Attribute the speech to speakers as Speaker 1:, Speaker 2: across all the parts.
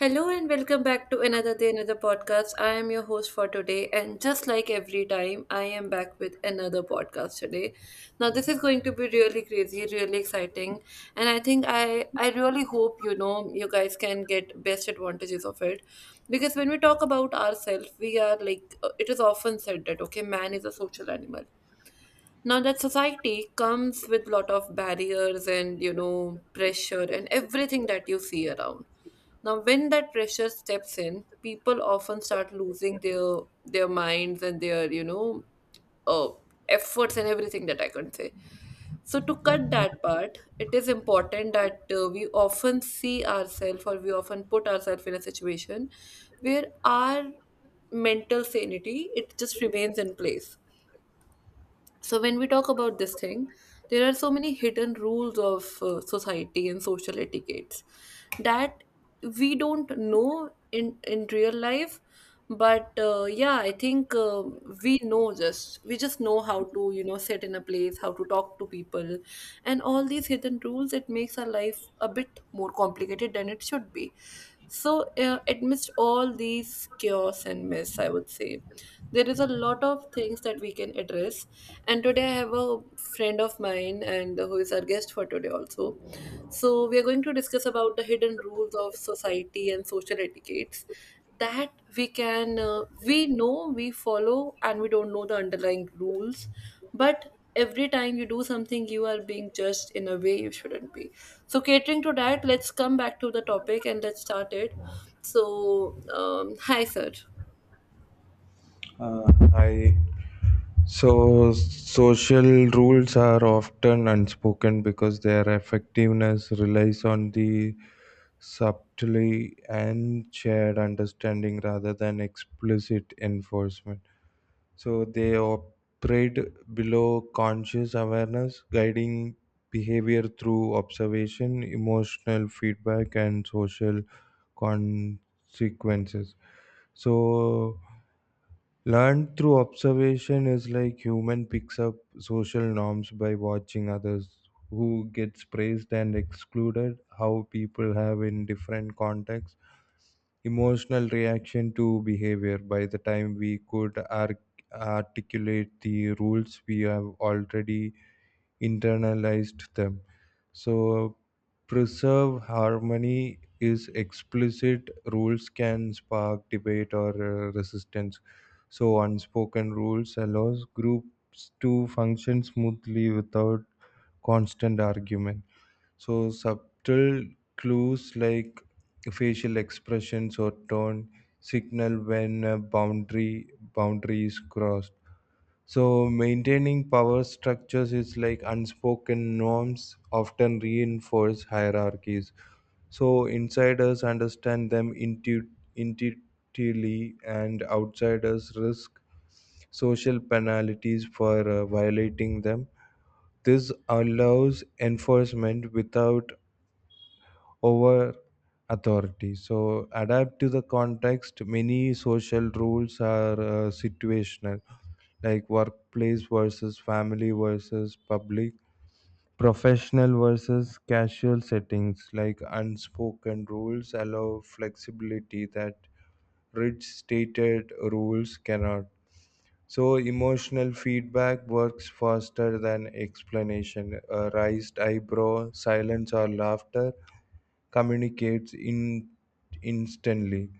Speaker 1: Hello and welcome back to another day, another podcast. I am your host for today, and just like every time, I am back with another podcast today. Now, this is going to be really crazy, really exciting, and I think I really hope you guys can get best advantages of it, because when we talk about ourselves, we are like it is often said that okay, man is a social animal, now that society comes with lot of barriers and pressure and everything that you see around. Now when that pressure steps in, people often start losing their minds and their uh, efforts and everything that I can say. So to cut that part, it is important that we often see ourselves or we often put ourselves in a situation where our mental sanity it just remains in place. So when we talk about this thing, there are so many hidden rules of society and social etiquettes that we don't know in real life, but yeah, I think we know, just we just know how to sit in a place, how to talk to people, and all these hidden rules it makes our life a bit more complicated than it should be. So, amidst all these chaos and mess, I would say there is a lot of things that we can address. And today, I have a friend of mine, and who is our guest for today also. So, we are going to discuss about the hidden rules of society and social etiquettes that we follow and we don't know the underlying rules, but every time you do something you are being judged in a way you shouldn't be. So catering to that, let's come back to the topic and let's start it. So hi sir.
Speaker 2: Hi. So, social rules are often unspoken because their effectiveness relies on the subtlety and shared understanding rather than explicit enforcement. So, they operate below conscious awareness, guiding behavior through observation, emotional feedback, and social consequences. So, learned through observation is like human picks up social norms by watching others who gets praised and excluded, how people have in different contexts, emotional reaction to behavior. By the time we could articulate the rules, we have already internalized them. So, preserve harmony is explicit rules can spark debate or resistance. So, unspoken rules allows groups to function smoothly without constant argument. So, subtle clues like facial expressions or tone signal when a boundary is crossed. So, maintaining power structures is like unspoken norms often reinforce hierarchies. So, insiders understand them intuitively, and outsiders risk social penalties for violating them. This allows enforcement without over authority. So, adapt to the context. Many social rules are situational, like workplace versus family versus public, professional versus casual settings. Like unspoken rules allow flexibility that rigid stated rules cannot. So, emotional feedback works faster than explanation. A raised eyebrow, silence, or laughter communicates in instantly.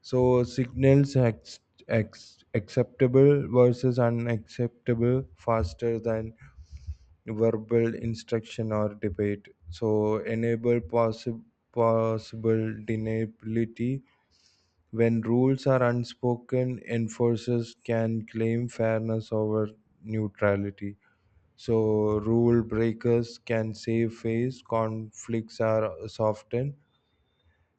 Speaker 2: So signals acceptable versus unacceptable faster than verbal instruction or debate. So enable possible deniability when rules are unspoken. Enforcers can claim fairness over neutrality. So rule breakers can save face. Conflicts are softened,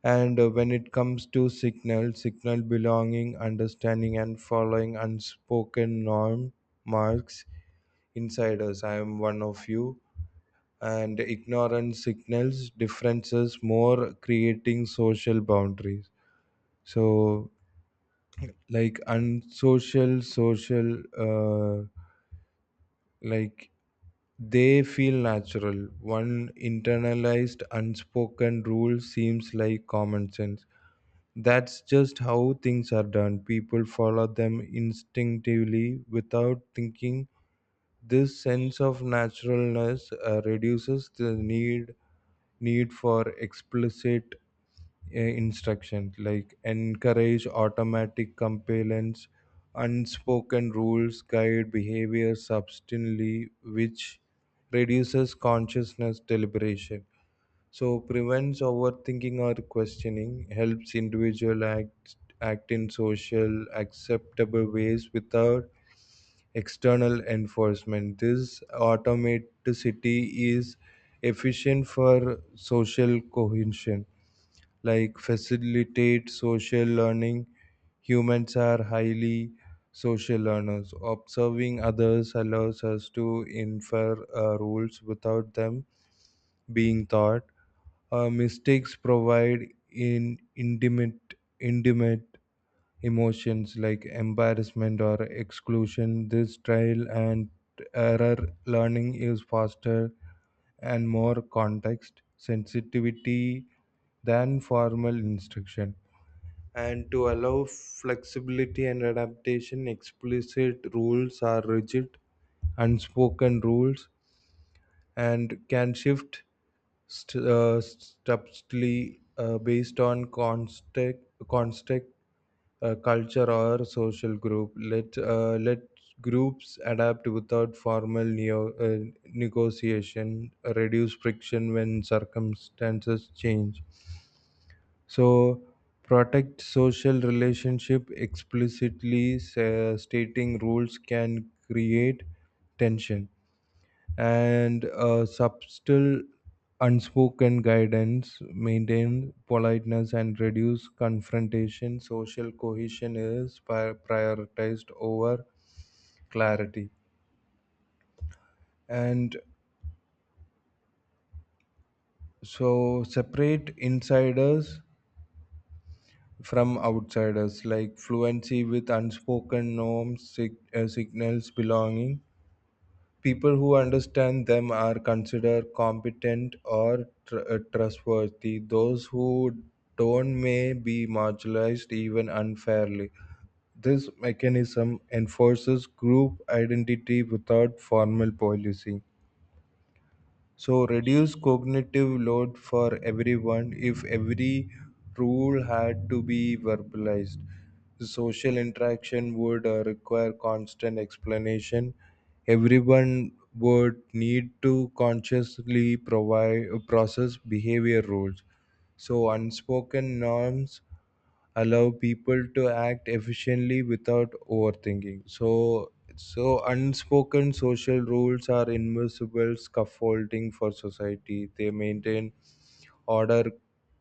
Speaker 2: and when it comes to signal belonging, understanding and following unspoken norm marks inside us, I am one of you, and ignorance signals differences more, creating social boundaries. So, like unsocial social like they feel natural. One internalized unspoken rule seems like common sense. That's just how things are done. People follow them instinctively without thinking. This sense of naturalness reduces the need for explicit instruction, like encourage automatic compliance. Unspoken rules guide behavior substantially, which reduces consciousness deliberation. So prevents overthinking or questioning, helps individual act in social acceptable ways without external enforcement. This automaticity is efficient for social cohesion, like facilitate social learning. Humans are highly social learners. Observing others allows us to infer rules without them being taught. Uh, mistakes provide in intimate emotions like embarrassment or exclusion. This trial and error learning is faster and more context sensitivity than formal instruction. And to allow flexibility and adaptation, explicit rules are rigid, unspoken rules and can shift subtly based on constant culture or social group. Let groups adapt without formal negotiation. Reduce friction when circumstances change. So protect social relationship, explicitly stating rules can create tension, and subtle unspoken guidance maintain politeness and reduce confrontation. Social cohesion is prioritized over clarity. And so separate insiders from outsiders, like fluency with unspoken norms signals belonging. People who understand them are considered competent or trustworthy. Those who don't may be marginalized even unfairly. This mechanism enforces group identity without formal policy. So reduce cognitive load for everyone. If every rule had to be verbalized, social interaction would require constant explanation. Everyone would need to consciously provide process behavior rules. So unspoken norms allow people to act efficiently without overthinking. So, so unspoken social rules are invisible scaffolding for society. They maintain order,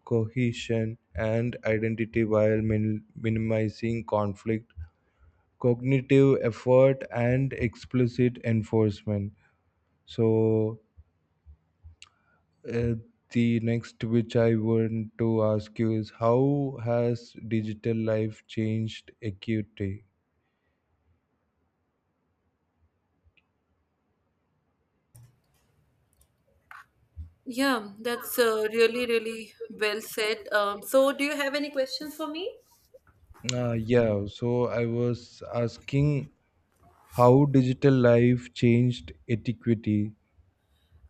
Speaker 2: cohesion and identity while minimizing conflict, cognitive effort and explicit enforcement. So, uh, the next which I want to ask you is how has digital life changed equity.
Speaker 1: Yeah, that's really really well said. So do you have any questions for me?
Speaker 2: Yeah, so I was asking how digital life changed etiquette.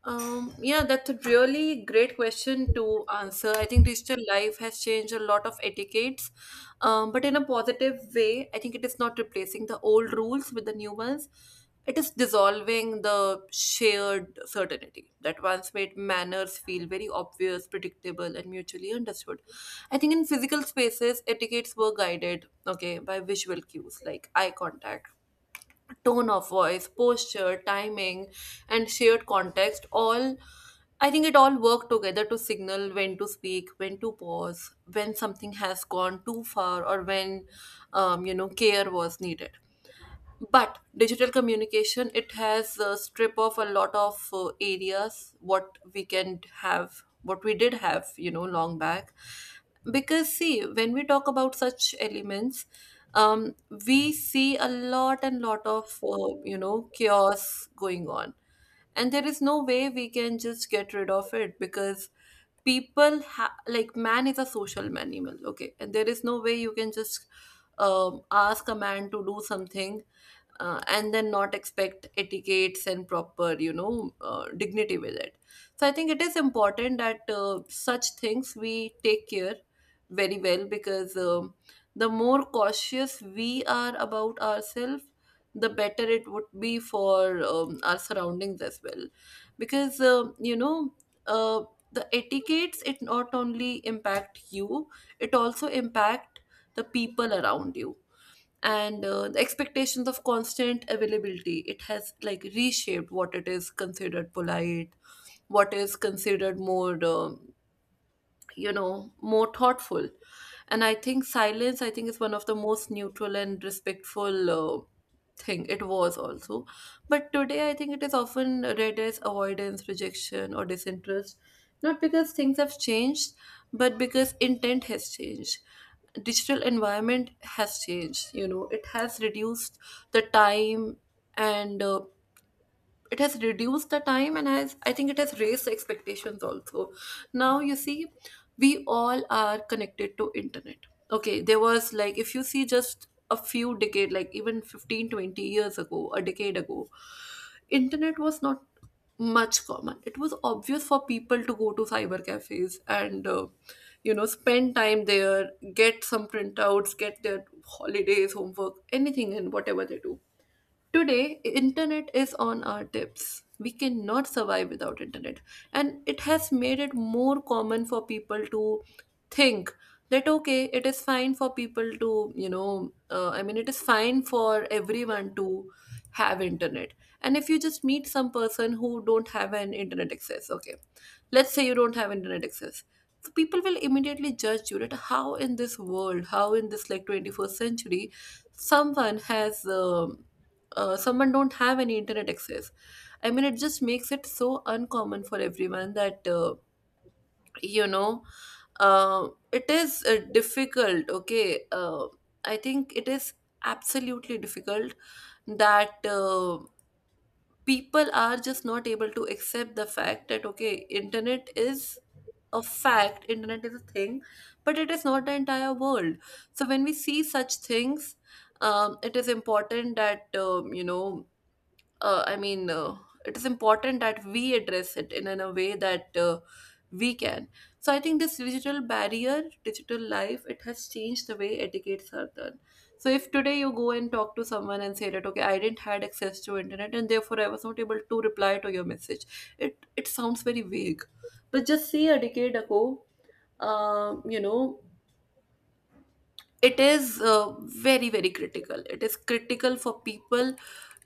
Speaker 1: Yeah, that's a really great question to answer. I think digital life has changed a lot of etiquettes, but in a positive way. I think it is not replacing the old rules with the new ones. It is dissolving the shared certainty that once made manners feel very obvious, predictable, and mutually understood. I think in physical spaces, etiquettes were guided, okay, by visual cues like eye contact, tone of voice, posture, timing, and shared context all, I think it all worked together to signal when to speak, when to pause, when something has gone too far, or when care was needed. But digital communication it has strip off a lot of areas what we can have, what we did have long back. Because see, when we talk about such elements, um, we see a lot and lot of chaos going on, and there is no way we can just get rid of it because like man is a social animal, okay, and there is no way you can just ask a man to do something and then not expect etiquettes and proper dignity with it. So I think it is important that such things we take care very well, because the more cautious we are about ourselves, the better it would be for our surroundings as well, because uh, the etiquettes it not only impact you, it also impact the people around you. And the expectations of constant availability, it has like reshaped what it is considered polite, what is considered more more thoughtful. And I think silence, I think, is one of the most neutral and respectful thing it was also, but today I think it is often read as avoidance, rejection, or disinterest, not because things have changed, but because intent has changed. Digital environment has changed, you know, it has reduced the time, and it has reduced the time and has, I think, it has raised the expectations also. Now you see, we all are connected to internet. Okay, there was like, if you see just a few decade, like even 15 to 20 years ago, a decade ago, internet was not much common. It was obvious for people to go to cyber cafes and spend time there, get some printouts, get their holidays homework, anything and whatever they do. Today, internet is on our tips. We cannot survive without internet. And it has made it more common for people to think that okay, it is fine for people to, it is fine for everyone to have internet. And if you just meet some person who don't have an internet access, okay, let's say you don't have internet access. So people will immediately judge you that how in this world, how in this like 21st century, someone has someone don't have any internet access. I mean, it just makes it so uncommon for everyone that you know it is difficult. Okay, I think it is absolutely difficult that people are just not able to accept the fact that okay, internet is a fact, internet is a thing, but it is not the entire world. So when we see such things, it is important that uh, I mean, uh, it is important that we address it in a way that we can. So I think this digital barrier, digital life, it has changed the way etiquettes are done. So if today you go and talk to someone and say that okay, I didn't had access to internet and therefore I was not able to reply to your message, it sounds very vague. But just say a decade ago, um, you know, it is very very critical. It is critical for people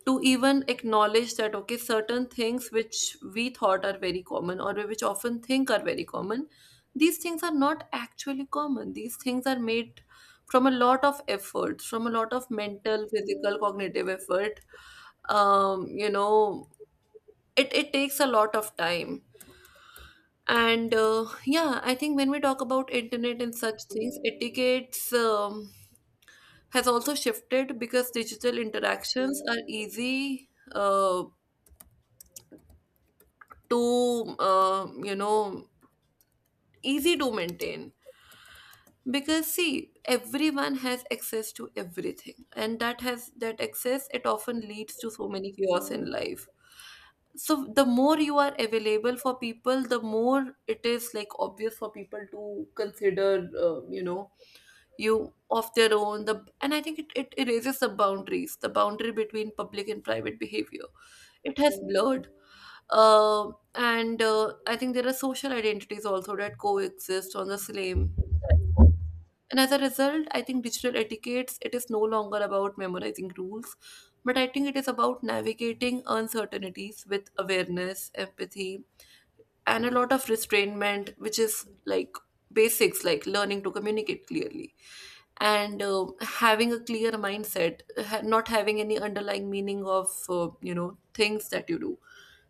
Speaker 1: to even acknowledge that okay, certain things which we thought are very common, or we which often think are very common, these things are not actually common. These things are made from a lot of effort, from a lot of mental physical cognitive effort. um, you know it, it takes a lot of time. And yeah, I think when we talk about internet and such things, etiquettes has also shifted because digital interactions are easy, uh, too easy to maintain, because see everyone has access to everything, and that has, that access, it often leads to so many chaos in life. So the more you are available for people, the more it is like obvious for people to consider you of their own. The And I think it erases the boundaries, the boundary between public and private behavior, it has blurred. And I think there are social identities also that coexist on the same platform. And as a result, I think digital etiquettes, it is no longer about memorizing rules, but I think it is about navigating uncertainties with awareness, empathy, and a lot of restrainment, which is like basics, like learning to communicate clearly and having a clear mindset, not having any underlying meaning of things that you do.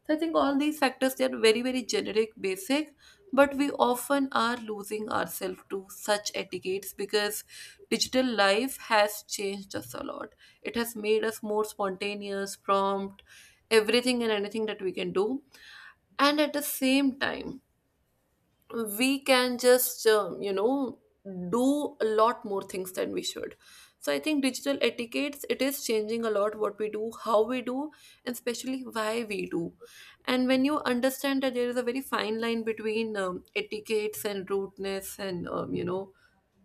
Speaker 1: So I think all these factors, they are very very generic basic, but we often are losing ourselves to such etiquettes because digital life has changed us a lot. It has made us more spontaneous, prompt, everything and anything that we can do. And at the same time, we can just do a lot more things than we should. So I think digital etiquettes, it is changing a lot what we do, how we do, and especially why we do. And when you understand that there is a very fine line between etiquettes and rudeness and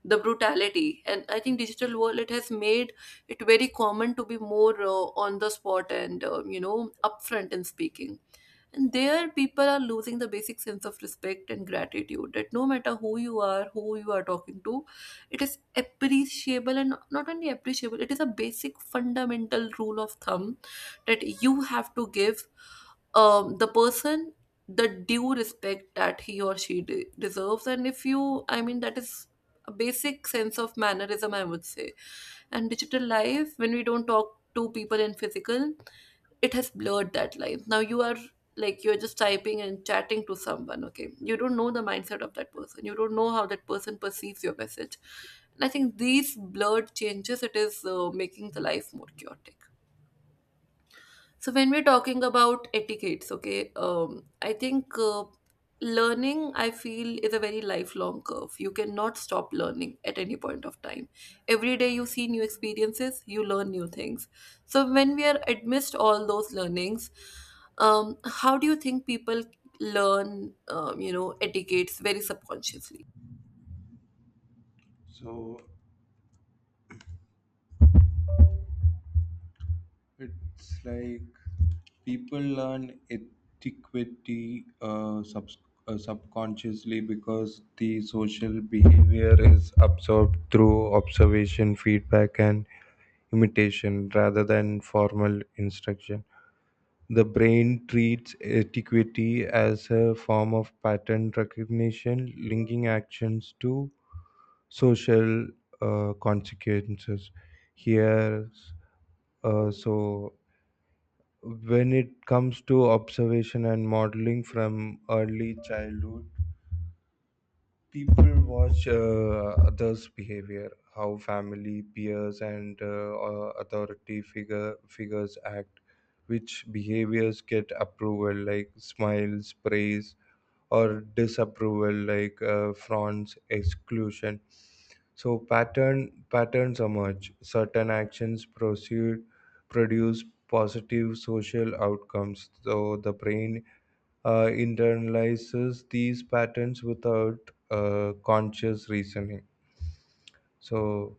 Speaker 1: the brutality, and I think digital world it has made it very common to be more on the spot and upfront in speaking. And there, people are losing the basic sense of respect and gratitude that no matter who you are talking to, it is appreciable, and not only appreciable, it is a basic fundamental rule of thumb that you have to give the person the due respect that he or she deserves. And if you, I mean, that is a basic sense of mannerism, I would say. And digital life, when we don't talk to people in physical, it has blurred that line. Now you are like you're just typing and chatting to someone, okay, you don't know the mindset of that person, you don't know how that person perceives your message. And I think these blurred changes, it is making the life more chaotic. So when we're talking about etiquettes, okay, I think learning, I feel, is a very lifelong curve. You cannot stop learning at any point of time. Every day you see new experiences, you learn new things. So when we are amidst all those learnings, how do you think people learn, etiquettes very subconsciously?
Speaker 2: So it's like people learn etiquette uh, subs- subconsciously because the social behavior is absorbed through observation, feedback, and imitation rather than formal instruction. The brain treats etiquette as a form of pattern recognition, linking actions to social consequences. Here, so when it comes to observation and modeling from early childhood, people watch others behavior, how family, peers and authority figures act, which behaviors get approval like smiles, praise, or disapproval like fronts, exclusion. So patterns emerge, certain actions proceed, produce positive social outcomes. So the brain internalizes these patterns without conscious reasoning. So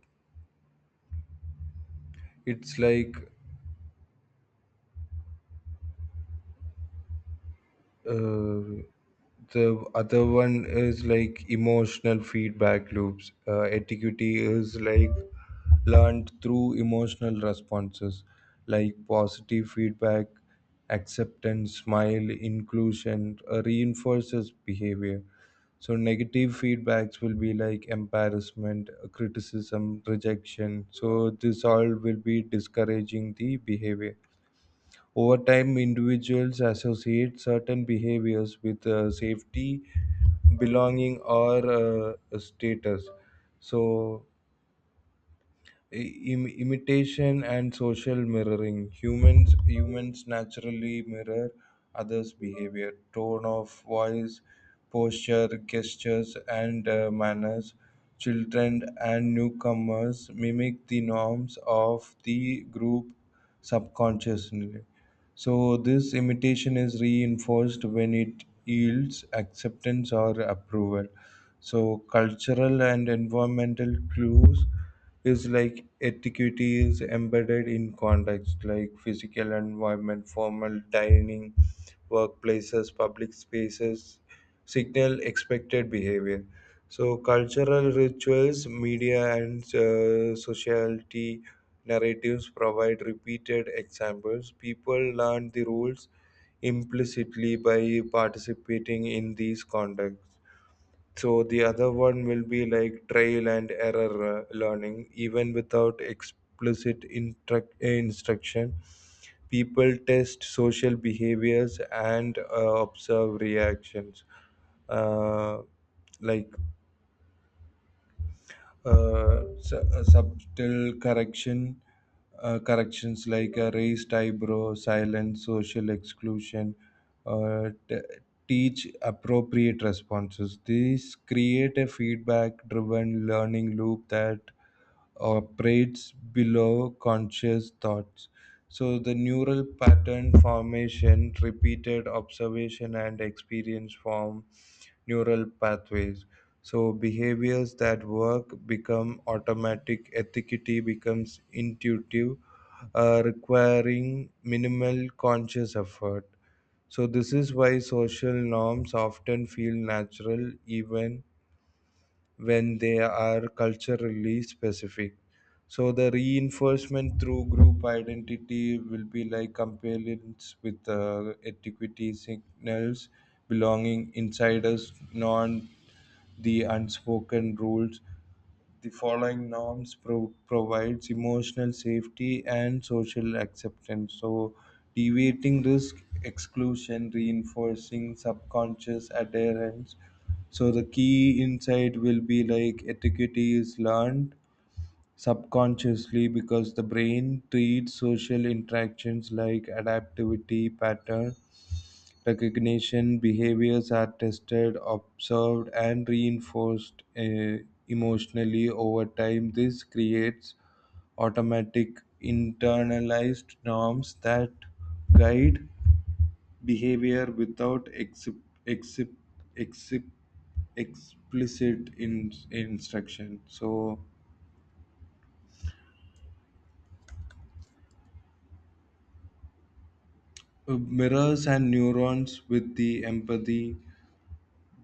Speaker 2: it's like uh, the other one is like emotional feedback loops. Etiquette is like learned through emotional responses, like positive feedback, acceptance, smile, inclusion, reinforces behavior. So negative feedbacks will be like embarrassment, criticism, rejection. So this all will be discouraging the behavior. Over time, individuals associate certain behaviors with safety, belonging, or status. So imitation and social mirroring, humans naturally mirror others behavior, tone of voice, posture, gestures and manners. Children and newcomers mimic the norms of the group subconsciously. So this imitation is reinforced when it yields acceptance or approval. So cultural and environmental clues is like etiquette is embedded in context like physical environment, formal dining, workplaces, public spaces, signal expected behavior. So cultural rituals, media and sociality narratives provide repeated examples. People learn the rules implicitly by participating in these contexts. So the other one will be like trial and error learning, even without explicit instruction. People test social behaviors and observe reactions. Uh, like Subtle corrections like a raised eyebrow, silence, social exclusion, uh, t- teach appropriate responses. These create a feedback driven learning loop that operates below conscious thoughts. So the neural pattern formation, repeated observation and experience form neural pathways. So behaviors that work become automatic, ethicity becomes intuitive, requiring minimal conscious effort. So this is why social norms often feel natural even when they are culturally specific. So the reinforcement through group identity will be like compliance with etiquette signals, belonging, insiders, non the unspoken rules. The following norms provides emotional safety and social acceptance. So, deviating risk exclusion, reinforcing subconscious adherence. So the key insight will be like etiquette is learned subconsciously because the brain treats social interactions like adaptivity pattern recognition. Behaviors are tested, observed, and reinforced emotionally over time. This creates automatic internalized norms that guide behavior without exip- explicit instruction. So, mirrors and neurons with the empathy,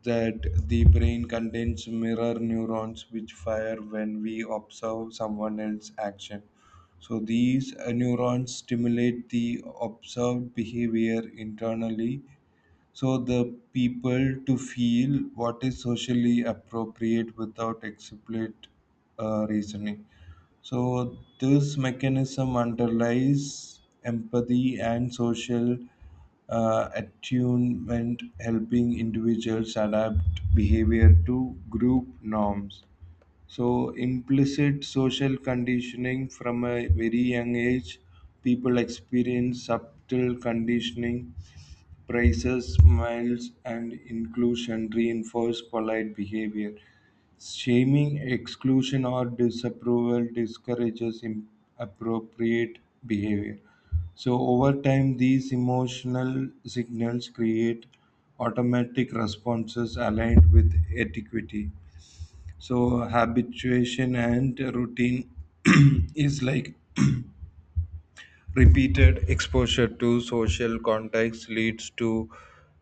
Speaker 2: that the brain contains mirror neurons which fire when we observe someone else's action. So these neurons stimulate the observed behavior internally, so the people to feel what is socially appropriate without explicit reasoning. So this mechanism underlies empathy and social attunement, helping individuals adapt behavior to group norms. So implicit social conditioning from a very young age, people experience subtle conditioning. Praises, smiles, and inclusion reinforce polite behavior. Shaming, exclusion, or disapproval discourages appropriate behavior. So, over time, these emotional signals create automatic responses aligned with etiquity. So, habituation and routine is like repeated exposure to social contacts leads to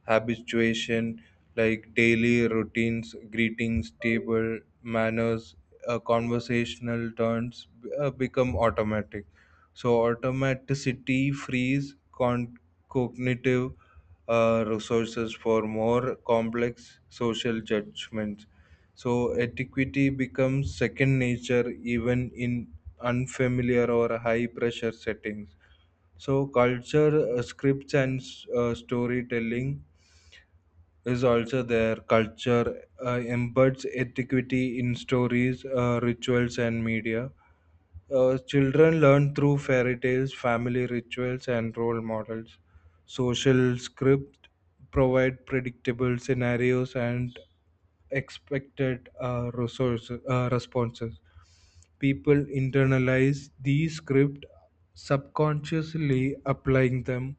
Speaker 2: habituation, like daily routines, greetings, table manners, conversational turns become automatic. So, automaticity frees cognitive resources for more complex social judgments. So, etiquette becomes second nature even in unfamiliar or high pressure settings. So culture, scripts, and storytelling is also there. Culture embeds ethicity in stories, rituals, and media. Children learn through fairy tales, family rituals, and role models. Social scripts provide predictable scenarios and expected responses. People internalize these scripts, subconsciously applying them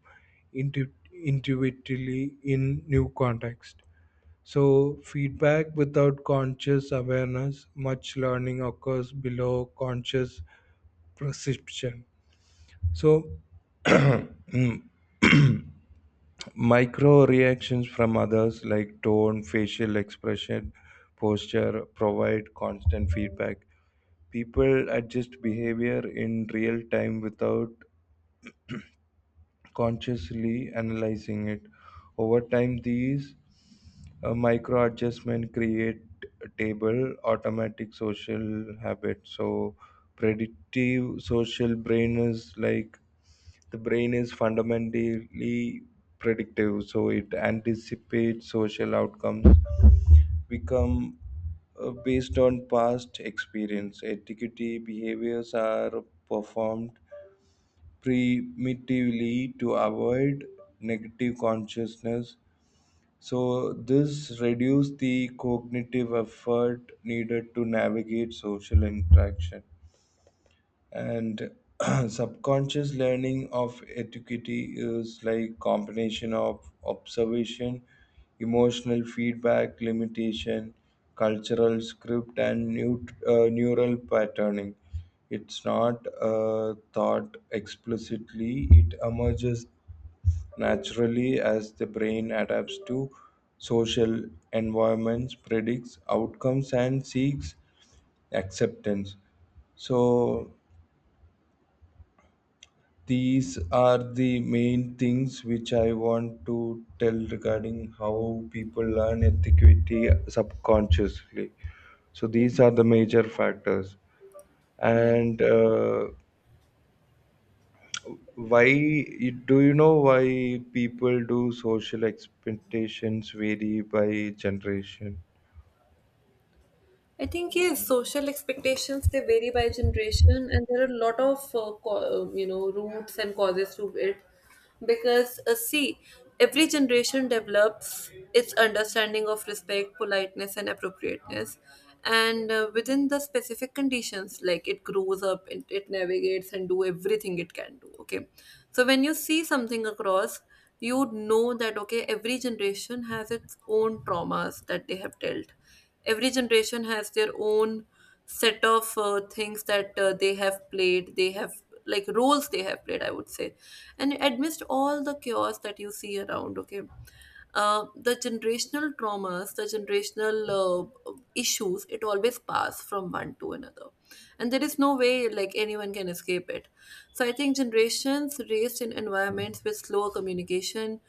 Speaker 2: intuitively in new context. So feedback without conscious awareness, much learning occurs below conscious perception. So micro reactions from others, like tone, facial expression, posture, provide constant feedback. People adjust behavior in real time without consciously analyzing it. Over time, these micro adjustment create a table automatic social habit. So, predictive social brain is like the brain is fundamentally predictive, so it anticipates social outcomes become based on past experience. Etiquette behaviors are performed primitively to avoid negative consciousness. So, this reduces the cognitive effort needed to navigate social interaction. And subconscious learning of etiquette is like combination of observation, emotional feedback, limitation, cultural script and neural patterning. It's not thought explicitly, it emerges naturally as the brain adapts to social environments, predicts outcomes and seeks acceptance. So these are the main things which I want to tell regarding how people learn ethicity subconsciously. So these are the major factors.
Speaker 1: Yeah.
Speaker 2: And why do you know why people do social expectations vary by generation?
Speaker 1: I think yes, social expectations, they vary by generation, and there are a lot of you know, roots and causes to it. Because see, every generation develops its understanding of respect, politeness, and appropriateness, and within the specific conditions, like, it grows up, it navigates, and do everything it can do. Okay, so when you see something across, you know that okay, every generation has its own traumas that they have dealt. Every generation has their own set of things that they have played, they have, like, roles they have played, I would say. And amidst all the chaos that you see around, okay, the generational traumas, the generational issues, it always pass from one to another, and there is no way like anyone can escape it. So I think generations raised in environments with slow communication,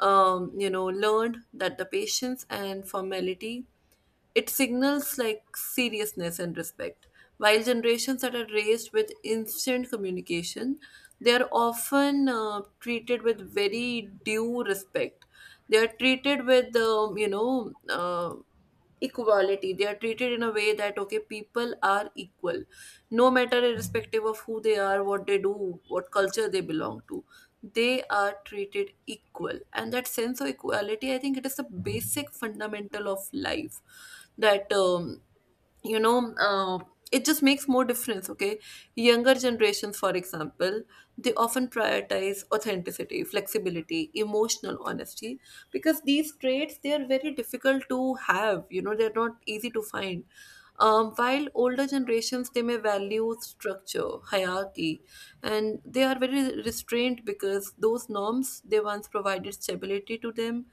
Speaker 1: you know, learned that the patience and formality, it signals like seriousness and respect. While generations that are raised with instant communication, they are often treated with very due respect. They are treated with, equality. They are treated in a way that okay, people are equal, no matter, irrespective of who they are, what they do, what culture they belong to, they are treated equal. And that sense of equality, I think it is the basic fundamental of life. That you know uh, it just makes more difference, okay? Younger generations, for example, they often prioritize authenticity, flexibility, emotional honesty, because these traits, they are very difficult to have, you know, they're not easy to find. While older generations, they may value structure, hierarchy, and they are very restrained, because those norms, they once provided stability to them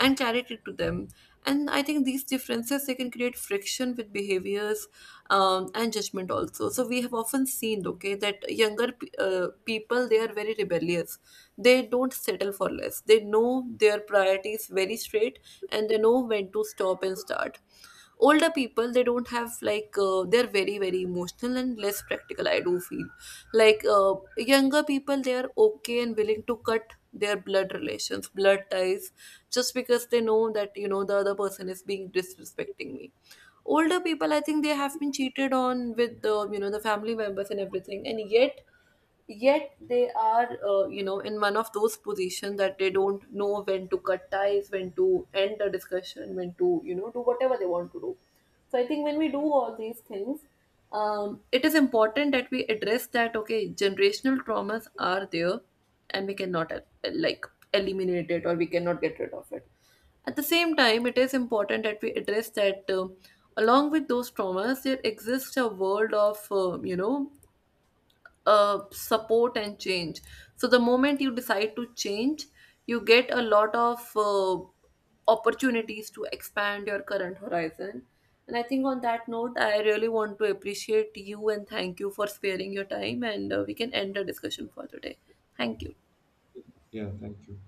Speaker 1: and clarity to them. And I think these differences, they can create friction with behaviors and judgment also. So we have often seen, okay, that people, they are very rebellious. They don't settle for less. They know their priorities very straight, and they know when to stop and start. Older people, they don't have, like, they're very emotional and less practical, I do feel. Like, younger people, they are okay and willing to cut their blood ties, just because they know that, you know, the other person is being disrespecting me. Older people, I think they have been cheated on with the, you know, the family members and everything, and yet they are, you know, in one of those positions that they don't know when to cut ties, when to end a discussion, when to, you know, do whatever they want to do. So I think when we do all these things, it is important that we address that okay, generational traumas are there, and we cannot, like eliminate it, or we cannot get rid of it. At the same time, it is important that we address that along with those traumas, there exists a world of, support and change. So the moment you decide to change, you get a lot of opportunities to expand your current horizon. And I think on that note, I really want to appreciate you and thank you for sparing your time, and we can end the discussion for today. Thank you.
Speaker 2: Yeah, thank you.